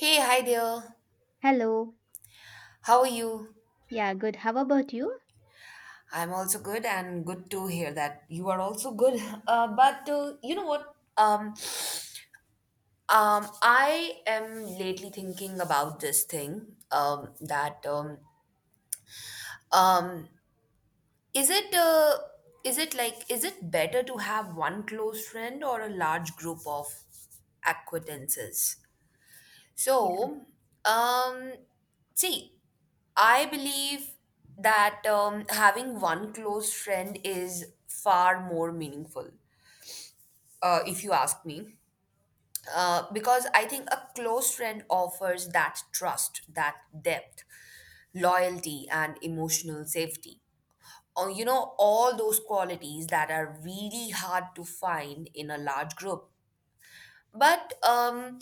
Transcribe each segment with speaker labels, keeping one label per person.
Speaker 1: Hey, hi there.
Speaker 2: Hello.
Speaker 1: How are you?
Speaker 2: Yeah, good. How about you?
Speaker 1: I'm also good and good to hear that you are also good. But you know what? I am lately thinking about this thing that um, is it uh, is it better to have one close friend or a large group of acquaintances?
Speaker 2: Yeah.
Speaker 1: So, um, See, I believe that having one close friend is far more meaningful, if you ask me. Because I think a close friend offers that trust, that depth, loyalty, and emotional safety. Or, you know, all those qualities that are really hard to find in a large group. But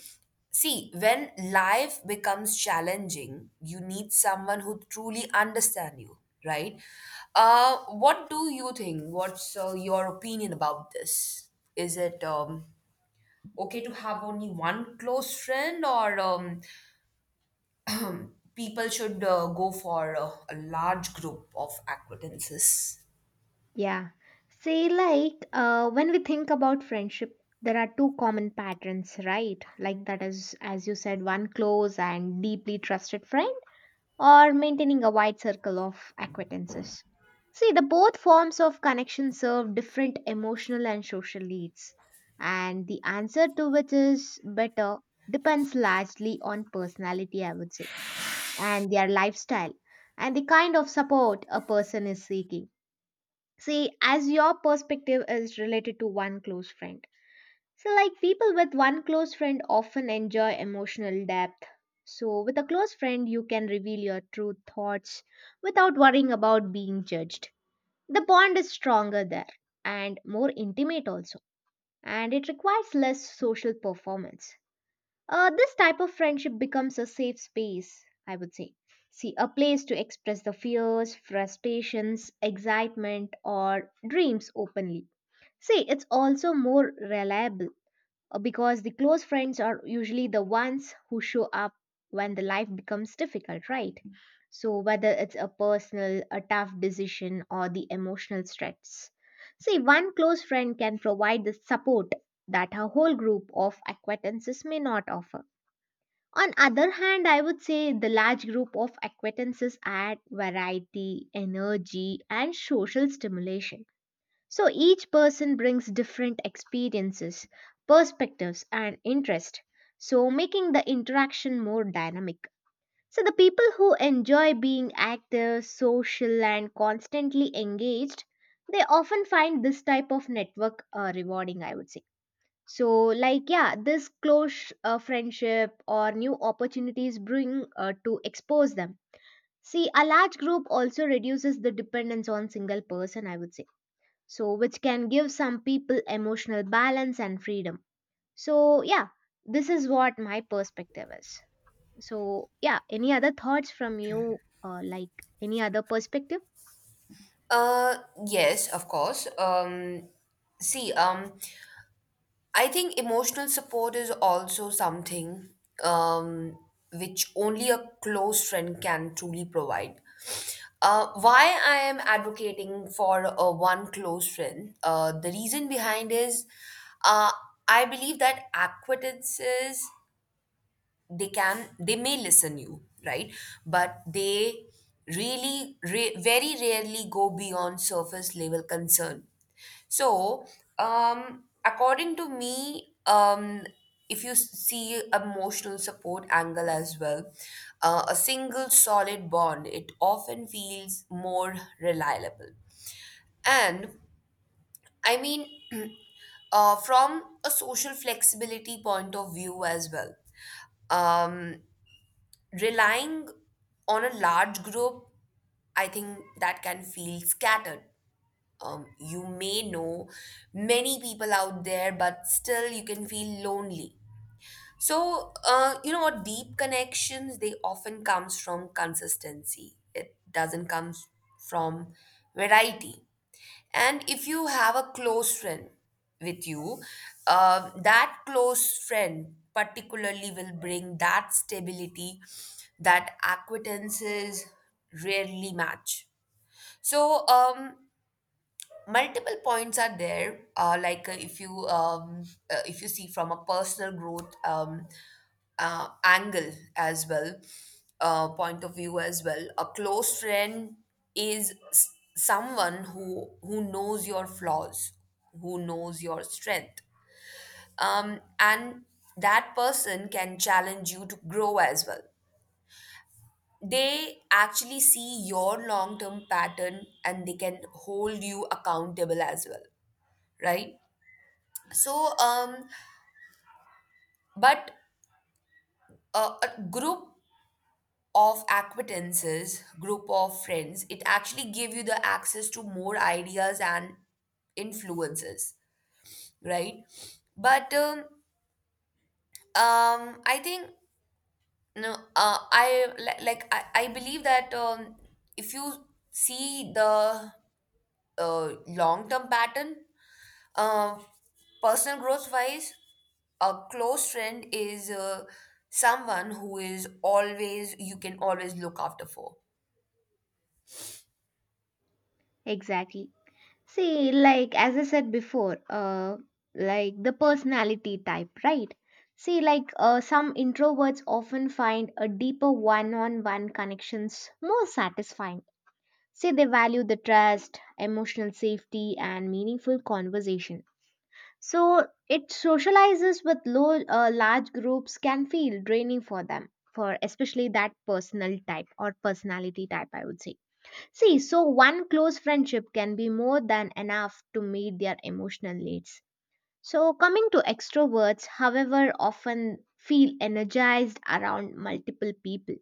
Speaker 1: see, when life becomes challenging, you need someone who truly understands you, right? What do you think? What's your opinion about this? Is it okay to have only one close friend, or people should go for a large group of acquaintances?
Speaker 2: Yeah. Say, when we think about friendship, there are two common patterns, right? Like, that is, as you said, one close and deeply trusted friend, or maintaining a wide circle of acquaintances. See, the both forms of connection serve different emotional and social needs, and the answer to which is better depends largely on personality, I would say. And their lifestyle and the kind of support a person is seeking. See, as your perspective is related to one close friend. So, like people with one close friend often enjoy emotional depth. So, with a close friend, you can reveal your true thoughts without worrying about being judged. The bond is stronger there and more intimate also, and it requires less social performance. This type of friendship becomes a safe space, I would say. See, a place to express the fears, frustrations, excitement, or dreams openly. See, it's also more reliable because the close friends are usually the ones who show up when the life becomes difficult, right? So, whether it's a personal, a tough decision, or the emotional stress. See, one close friend can provide the support that a whole group of acquaintances may not offer. On other hand, I would say the large group of acquaintances add variety, energy, and social stimulation. So each person brings different experiences, perspectives, and interest, so making the interaction more dynamic. So the people who enjoy being active, social, and constantly engaged, they often find this type of network rewarding, I would say. So like, yeah, this close friendship or new opportunities bring to expose them. See, a large group also reduces the dependence on single person, I would say, so which can give some people emotional balance and freedom. So yeah, this is what my perspective is. So yeah, any other thoughts from you, like any other perspective?
Speaker 1: Uh, yes, of course. See, I think emotional support is also something um, which only a close friend can truly provide. Why I am advocating for a one close friend, the reason behind is uh, I believe that acquaintances they may listen you right but they very rarely go beyond surface level concern so according to me, if you see emotional support angle as well, a single solid bond it often feels more reliable and I mean from a social flexibility point of view as well. Um relying on a large group, I think that can feel scattered. You may know many people out there, but still you can feel lonely. So, you know what? Deep connections, they often comes from consistency. It doesn't come from variety. And if you have a close friend with you, that close friend particularly will bring that stability that acquaintances rarely match. So, multiple points are there, like if you see from a personal growth angle as well, point of view as well, a close friend is someone who knows your flaws, who knows your strength, and that person can challenge you to grow as well. They actually see your long term pattern and they can hold you accountable as well, right? so but a group of acquaintances, group of friends, it actually give you the access to more ideas and influences, right? But I think no, I li- like I believe that if you see the long term pattern, um, personal growth wise, a close friend is someone who is always you can always look after for.
Speaker 2: Exactly. See, like as I said before, like the personality type, right? See, like some introverts often find a deeper one-on-one connections more satisfying. See, they value the trust, emotional safety, and meaningful conversation. So it socializes with large groups can feel draining for them, for especially that personal type or personality type, I would say. See, so one close friendship can be more than enough to meet their emotional needs. So, coming to extroverts, however, often feel energized around multiple people.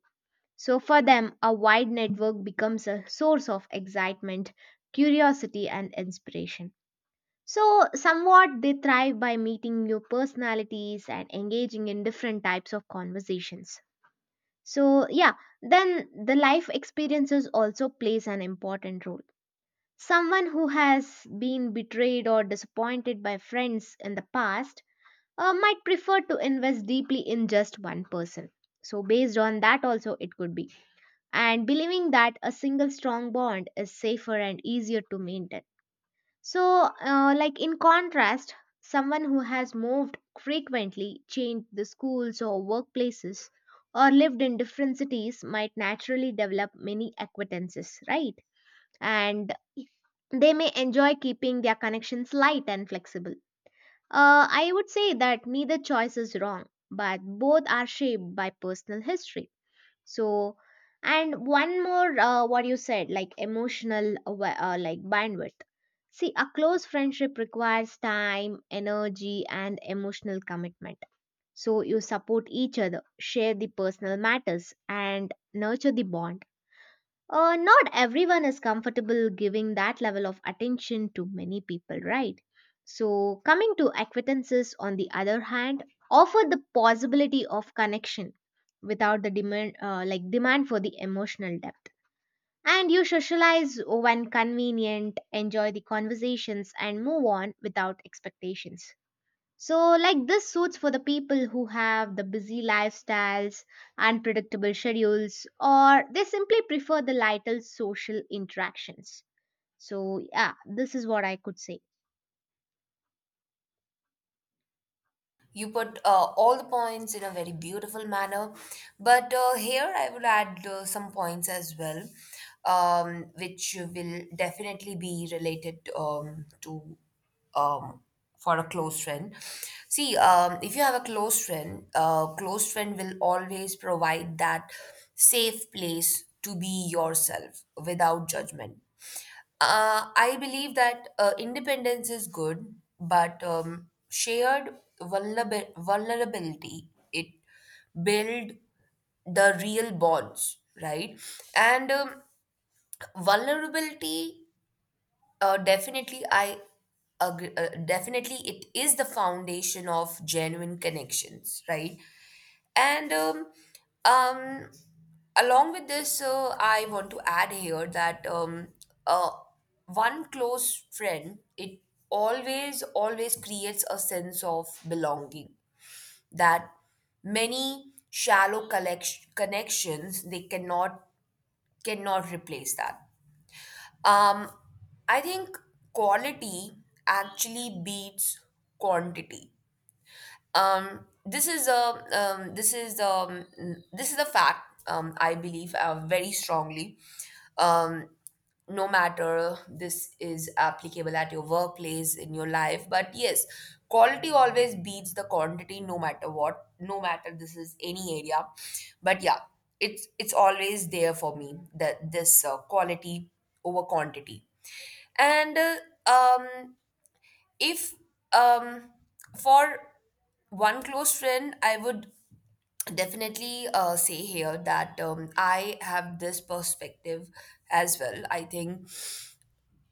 Speaker 2: So, for them, a wide network becomes a source of excitement, curiosity, and inspiration. So, somewhat they thrive by meeting new personalities and engaging in different types of conversations. So, yeah, then the life experiences also plays an important role. Someone who has been betrayed or disappointed by friends in the past might prefer to invest deeply in just one person. So, based on that, also it could be. And believing that a single strong bond is safer and easier to maintain. So, like in contrast, someone who has moved frequently, changed the schools or workplaces, or lived in different cities might naturally develop many acquaintances, right? And they may enjoy keeping their connections light and flexible. I would say that neither choice is wrong, but both are shaped by personal history. So, and one more, what you said, like emotional, like bandwidth. See, a close friendship requires time, energy, and emotional commitment. So, you support each other, share the personal matters, and nurture the bond not everyone is comfortable giving that level of attention to many people, right? So, coming to acquaintances, on the other hand, offer the possibility of connection without the demand, like demand for the emotional depth. And you socialize when convenient, enjoy the conversations, and move on without expectations. So, like this suits for the people who have the busy lifestyles, unpredictable schedules, or they simply prefer the lighter social interactions. So, yeah, this is what I could say.
Speaker 1: You put all the points in a very beautiful manner. But here I would add some points as well, which will definitely be related to um, for a close friend. See, if you have a close friend will always provide that safe place to be yourself without judgment. I believe that independence is good, but vulnerability it build the real bonds, right? And vulnerability, definitely, I agree, definitely, it is the foundation of genuine connections, right? And um, along with this, I want to add here that uh, one close friend, it always, always creates a sense of belonging that many connections, they cannot replace that. Um, I think quality actually beats quantity. Um, this is a this is mm, This is a fact I believe very strongly. Um, no matter this is applicable at your workplace in your life, but yes, quality always beats the quantity no matter what, no matter this is any area. But yeah, it's always there for me that this, quality over quantity. And uh, um if um for one close friend I would definitely say here that I have this perspective as well. I think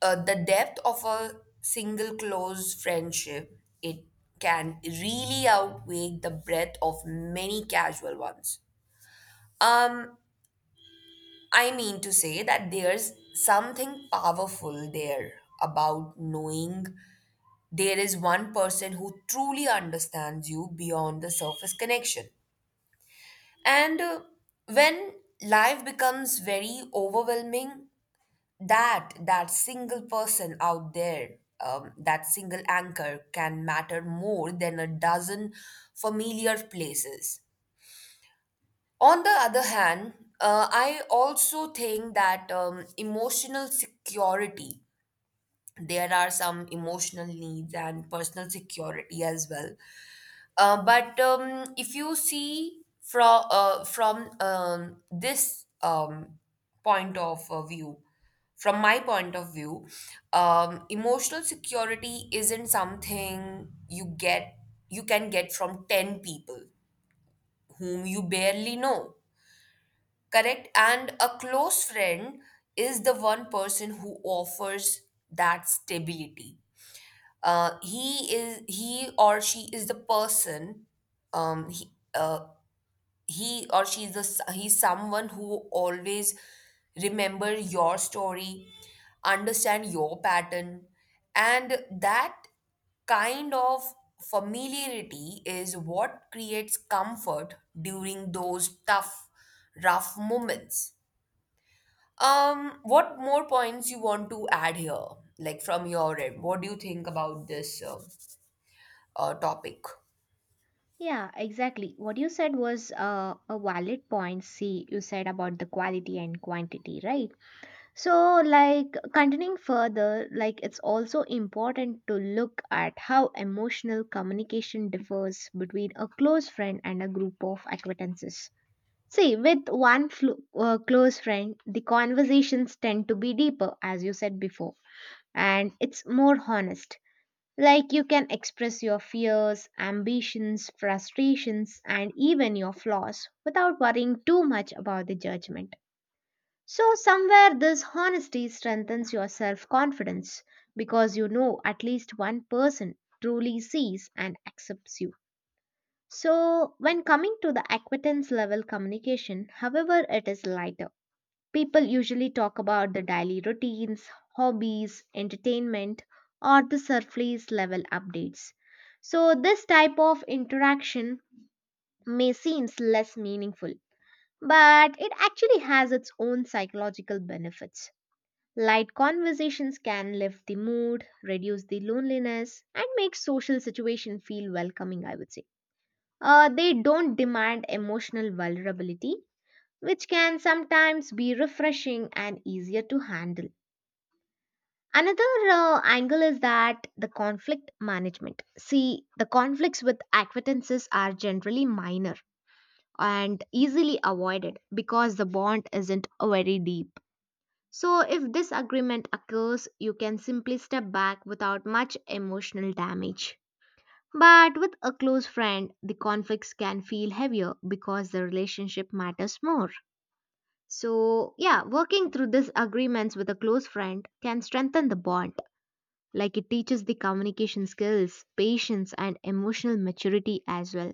Speaker 1: the depth of a single close friendship it can really outweigh the breadth of many casual ones. um I mean to say that there's something powerful there about knowing there is one person who truly understands you beyond the surface connection. And when life becomes very overwhelming, that single person out there, that single anchor can matter more than a dozen familiar places. On the other hand, I also think that emotional security, there are some emotional needs and personal security as well. But if you see from this point of view, from my point of view, emotional security isn't something you get, you can get from ten people whom you barely know, correct? And a close friend is the one person who offers that stability. He or she is the person. um, he, uh, he or she's the s- he's someone who always remember your story, understand your pattern, and that kind of familiarity is what creates comfort during those tough rough moments. What more points you want to add here, like from your end? What do you think about this topic?
Speaker 2: Yeah, exactly. What you said was a valid point. See, you said about the quality and quantity, right? So, like, continuing further, like, it's also important to look at how emotional communication differs between a close friend and a group of acquaintances. See, with one close friend, the conversations tend to be deeper, as you said before, and it's more honest. Like you can express your fears, ambitions, frustrations, and even your flaws without worrying too much about the judgment. So, somewhere this honesty strengthens your self confidence because you know at least one person truly sees and accepts you. So, when coming to the acquaintance level communication, however, it is lighter. People usually talk about the daily routines, hobbies, entertainment, or the surface level updates. So, this type of interaction may seem less meaningful, but it actually has its own psychological benefits. Light conversations can lift the mood, reduce the loneliness, and make social situation feel welcoming, I would say. They don't demand emotional vulnerability, which can sometimes be refreshing and easier to handle. Another angle is that the conflict management. See, the conflicts with acquaintances are generally minor and easily avoided because the bond isn't very deep. So, if disagreement occurs, you can simply step back without much emotional damage. But with a close friend, the conflicts can feel heavier because the relationship matters more. So, yeah, working through disagreements with a close friend can strengthen the bond like it teaches the communication skills, patience, and emotional maturity as well.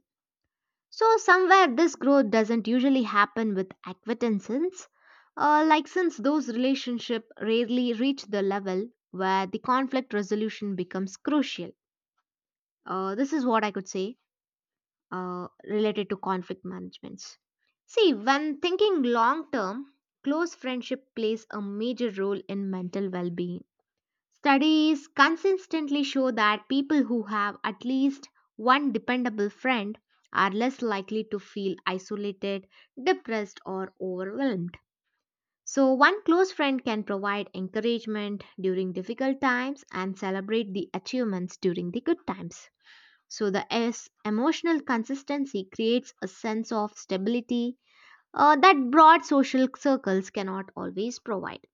Speaker 2: So, somewhere this growth doesn't usually happen with acquaintances, like since those relationships rarely reach the level where the conflict resolution becomes crucial. This is what I could say related to conflict managements. See, when thinking long term, close friendship plays a major role in mental well being. Studies consistently show that people who have at least one dependable friend are less likely to feel isolated, depressed, or overwhelmed. So, one close friend can provide encouragement during difficult times and celebrate the achievements during the good times. So, the S emotional consistency creates a sense of stability that broad social circles cannot always provide.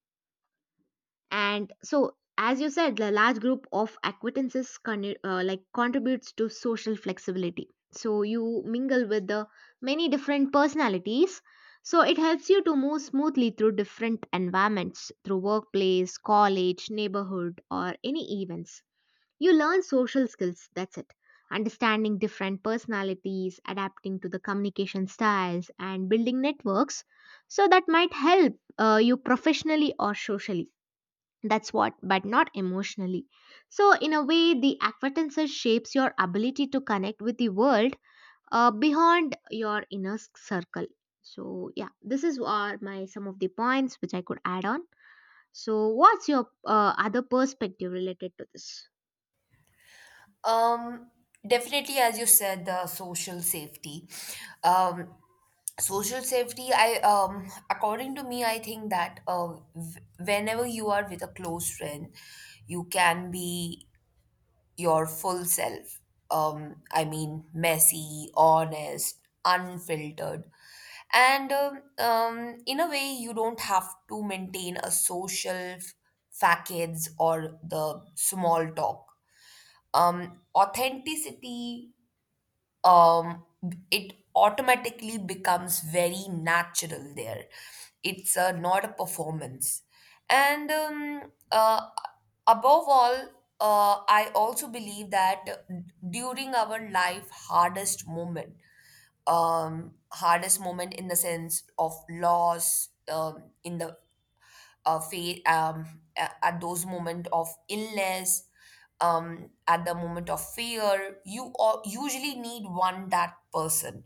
Speaker 2: And so as you said the large group of acquaintances like contributes to social flexibility, so you mingle with the many different personalities, so it helps you to move smoothly through different environments through workplace, college, neighborhood, or any events. You learn social skills, that's it. Understanding different personalities, adapting to the communication styles, and building networks, so that might help you professionally or socially. That's what, but not emotionally. So in a way the acquaintances shapes your ability to connect with the world beyond your inner circle. So yeah, this is are my some of the points which I could add on. So what's your other perspective related to this?
Speaker 1: Um, definitely, as you said, the social safety. Um, I, according to me, I think that whenever you are with a close friend, you can be your full self. I mean, messy, honest, unfiltered, and, in a way, you don't have to maintain a social facades or the small talk. Authenticity um, it automatically becomes very natural there. It's not a performance. And above all, I also believe that during our life hardest moment, hardest moment in the sense of loss, in the fa- a- at those moment of illness, at the moment of fear, you all usually need one that person,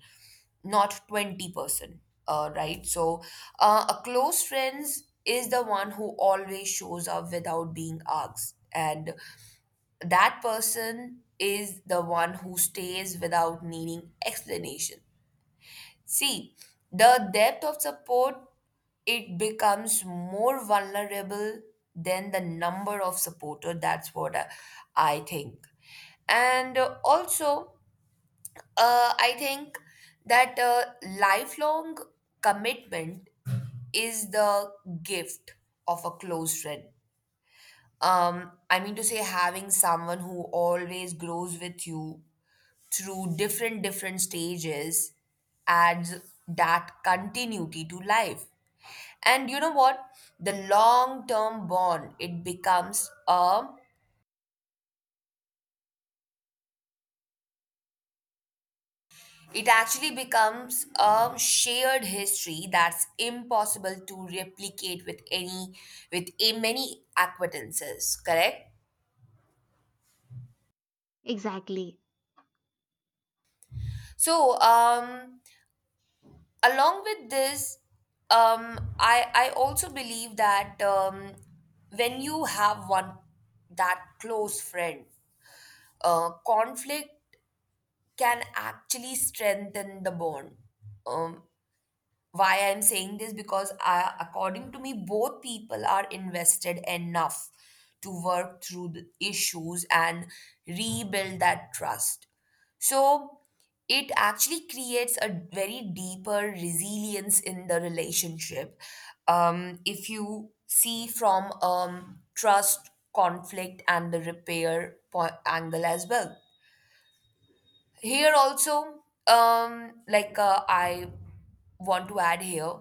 Speaker 1: not 20%, right? A close friends is the one who always shows up without being asked. And that person is the one who stays without needing explanation. See, the depth of support, it becomes more vulnerable than the number of supporter. That's what I think. And also, I think that lifelong commitment is the gift of a close friend. I mean to say, having someone who always grows with you through different stages adds that continuity to life. And you know what, the long term bond it becomes a it actually becomes a shared history that's impossible to replicate with any with a many acquaintances, correct?
Speaker 2: Exactly.
Speaker 1: so um Along with this, um I also believe that when you have one that close friend, conflict can actually strengthen the bond. um why I'm saying this because I, according to me, both people are invested enough to work through the issues and rebuild that trust. So it actually creates a very deeper resilience in the relationship. If you see from trust, conflict, and the repair angle as well. Here also, I want to add here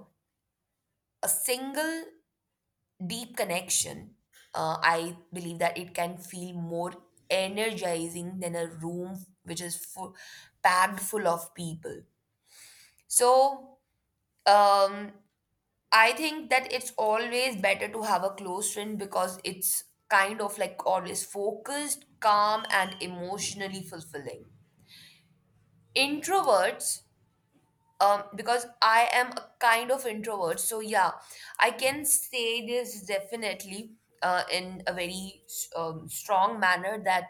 Speaker 1: a single deep connection, I believe that it can feel more energizing than a room which is full, packed full of people. So, um, I think that it's always better to have a close friend because it's kind of like always focused, calm, and emotionally fulfilling. Introverts, because I am a kind of introvert, so yeah, I can say this definitely, in a very strong manner that,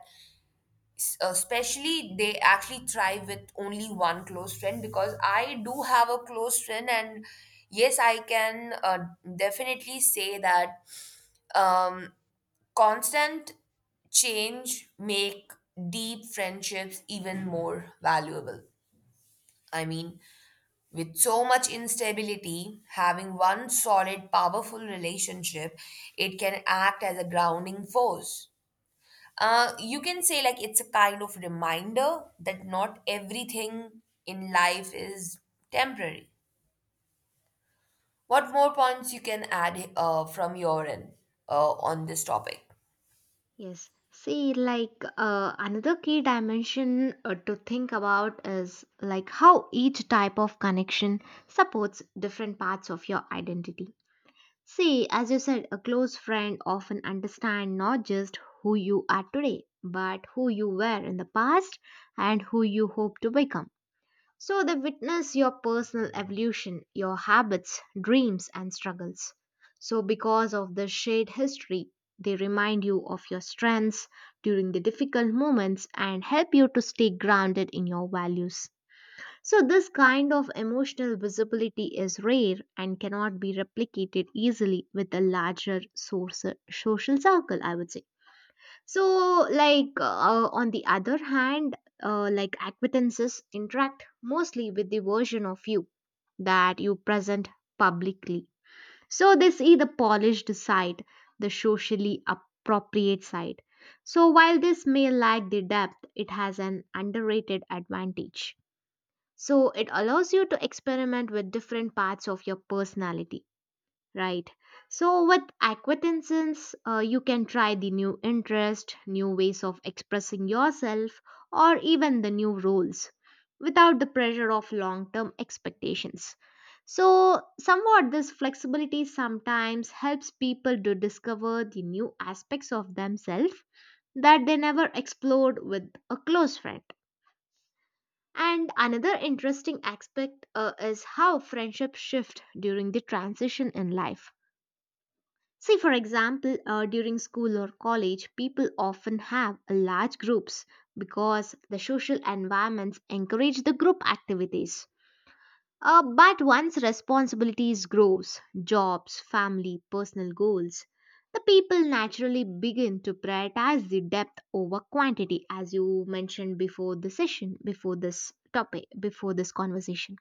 Speaker 1: especially they actually thrive with only one close friend because I do have a close friend. And yes, I can definitely say that um constant change make deep friendships even more valuable. I mean, with so much instability, having one solid, powerful relationship, it can act as a grounding force. You can say, like, it's a kind of reminder that not everything in life is temporary. What more points you can add from your end on this topic?
Speaker 2: Yes. See, like another key dimension to think about is like how each type of connection supports different parts of your identity. See, as you said, a close friend often understands not just who you are today, but who you were in the past and who you hope to become. So they witness your personal evolution, your habits, dreams, and struggles. So, because of the shared history, they remind you of your strengths during the difficult moments and help you to stay grounded in your values. So, this kind of emotional visibility is rare and cannot be replicated easily with a larger source, social circle, I would say. So, like, on the other hand, like acquaintances interact mostly with the version of you that you present publicly. So, they see the polished side, the socially appropriate side. So, while this may lack the depth, it has an underrated advantage. So it allows you to experiment with different parts of your personality, right? So with acquaintances, you can try the new interest, new ways of expressing yourself, or even the new roles without the pressure of long-term expectations. So, somewhat, this flexibility sometimes helps people to discover the new aspects of themselves that they never explored with a close friend. And another interesting aspect is how friendships shift during the transition in life. See, for example, during school or college, people often have large groups because the social environments encourage the group activities. But once responsibilities grows, jobs, family, personal goals, the people naturally begin to prioritize the depth over quantity as you mentioned before the session, before this topic, before this conversation.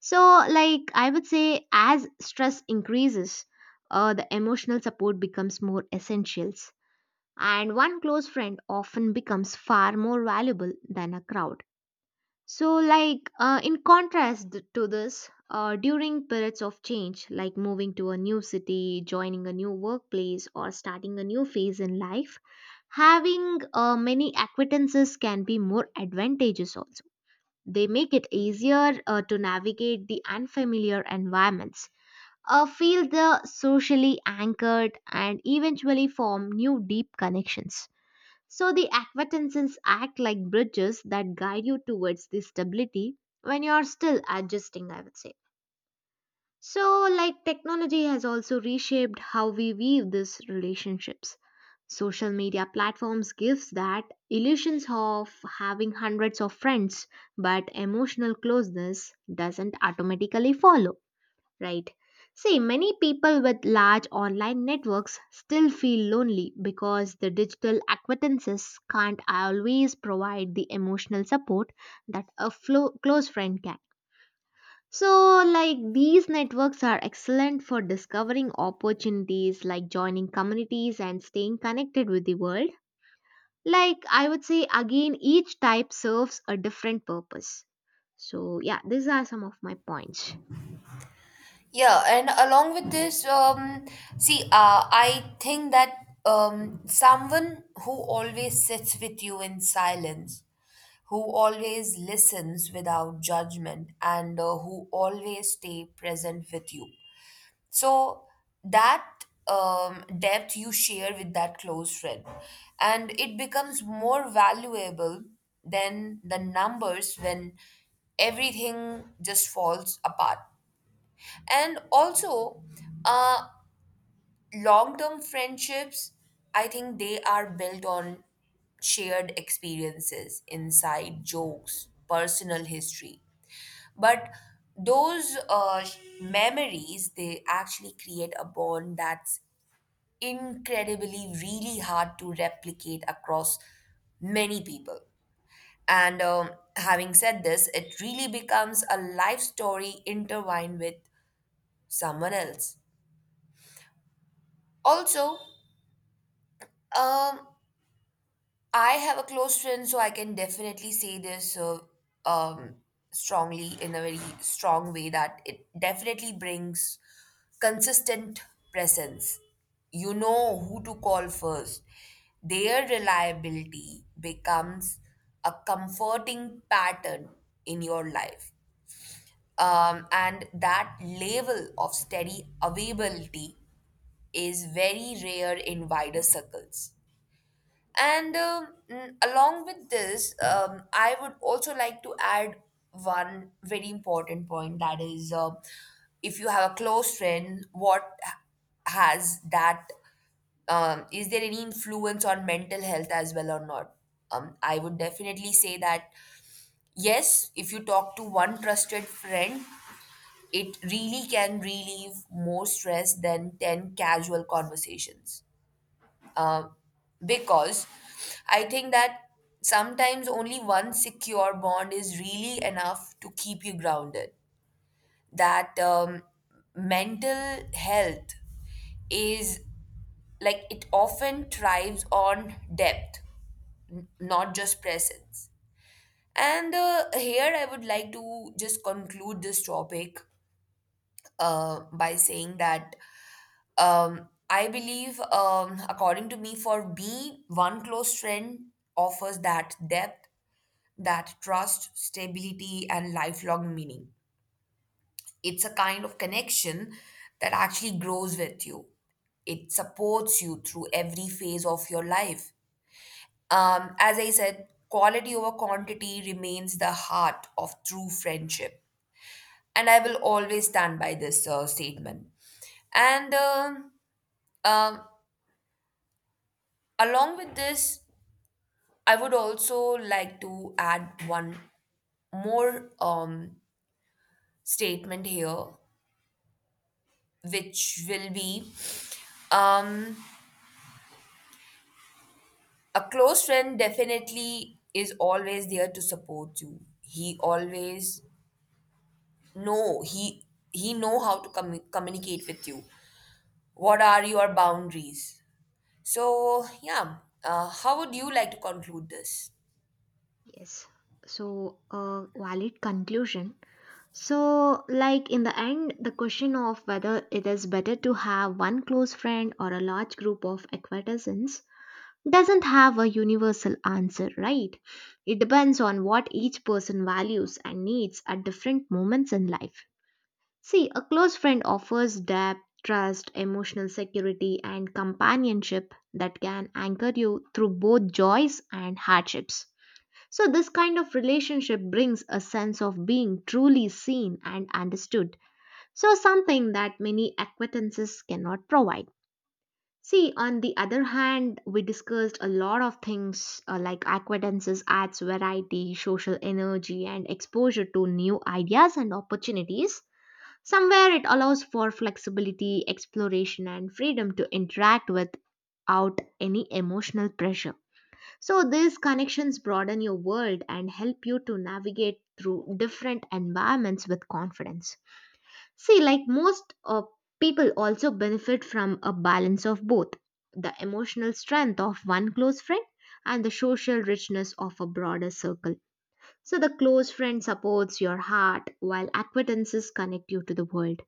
Speaker 2: So like I would say as stress increases, the emotional support becomes more essentials and one close friend often becomes far more valuable than a crowd. So, like in contrast to this, during periods of change, like moving to a new city, joining a new workplace, or starting a new phase in life, having many acquaintances can be more advantageous also. They make it easier to navigate the unfamiliar environments, feel the socially anchored, and eventually form new deep connections. So the acquaintances act like bridges that guide you towards this stability when you are still adjusting, I would say. So, like technology has also reshaped how we weave these relationships. Social media platforms gives that illusions of having hundreds of friends, but emotional closeness doesn't automatically follow. Right. See, many people with large online networks still feel lonely because the digital acquaintances can't always provide the emotional support that a close friend can. So, like these networks are excellent for discovering opportunities like joining communities and staying connected with the world. Like, I would say again, each type serves a different purpose. So, yeah, these are some of my points.
Speaker 1: Yeah, and along with this, see, I think that someone who always sits with you in silence, who always listens without judgment, and who always stay present with you. So that depth you share with that close friend, and it becomes more valuable than the numbers when everything just falls apart. And also, uh, long-term friendships, I think they are built on shared experiences, inside jokes, personal history. But those memories, they actually create a bond that's incredibly really hard to replicate across many people. And having said this, it really becomes a life story intertwined with someone else also. Um, I have a close friend, so I can definitely say this, um, strongly, in a very strong way, that it definitely brings consistent presence. You know who to call first. Their reliability becomes a comforting pattern in your life. And that level of steady availability is very rare in wider circles. Along with this, I would also like to add one very important point, that is, if you have a close friend, what has that, is there any influence on mental health as well or not? I would definitely say that yes, if you talk to one trusted friend, it really can relieve more stress than 10 casual conversations, uh, because I think that sometimes only one secure bond is really enough to keep you grounded. That, mental health is, like, it often thrives on depth, not just presence. And here I would like to just conclude this topic by saying that, um, I believe, according to me, for me, one close friend offers that depth, that trust, stability, and lifelong meaning. It's a kind of connection that actually grows with you. It supports you through every phase of your life. As I said, quality over quantity remains the heart of true friendship. And I will always stand by this statement. And um, along with this, I would also like to add one more statement here, which will be, um, a close friend definitely is always there to support you. He always know he know how to communicate with you. What are your boundaries? So yeah, how would you like to conclude this?
Speaker 2: Yes. So, a valid conclusion. So, like in the end, the question of whether it is better to have one close friend or a large group of acquaintances doesn't have a universal answer, right? It depends on what each person values and needs at different moments in life. See, a close friend offers depth, trust, emotional security, and companionship that can anchor you through both joys and hardships. So, this kind of relationship brings a sense of being truly seen and understood. So, something that many acquaintances cannot provide. See, on the other hand, we discussed a lot of things like acquaintances adds variety, social energy, and exposure to new ideas and opportunities. Somewhere it allows for flexibility, exploration, and freedom to interact without any emotional pressure. So these connections broaden your world and help you to navigate through different environments with confidence. See, like most people also benefit from a balance of both the emotional strength of one close friend and the social richness of a broader circle. So the close friend supports your heart while acquaintances connect you to the world.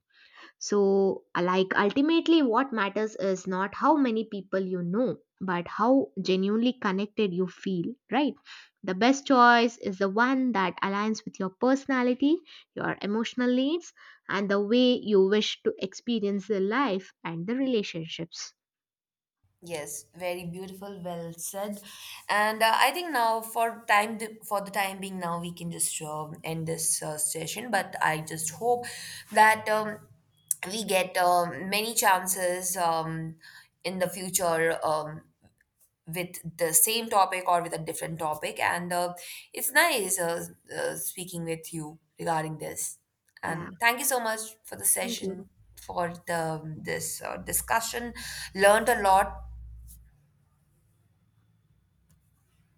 Speaker 2: So, like, ultimately, what matters is not how many people you know, but how genuinely connected you feel, right? The best choice is the one that aligns with your personality, your emotional needs, and the way you wish to experience the life and the relationships.
Speaker 1: Yes, very beautiful, well said. And I think now for the time being now we can just end this session. But I just hope that, we get many chances, in the future, with the same topic or with a different topic. And it's nice, speaking with you regarding this.
Speaker 2: Yeah,
Speaker 1: And thank you so much for the
Speaker 2: thank you.
Speaker 1: session, for the, this discussion. Learned a lot.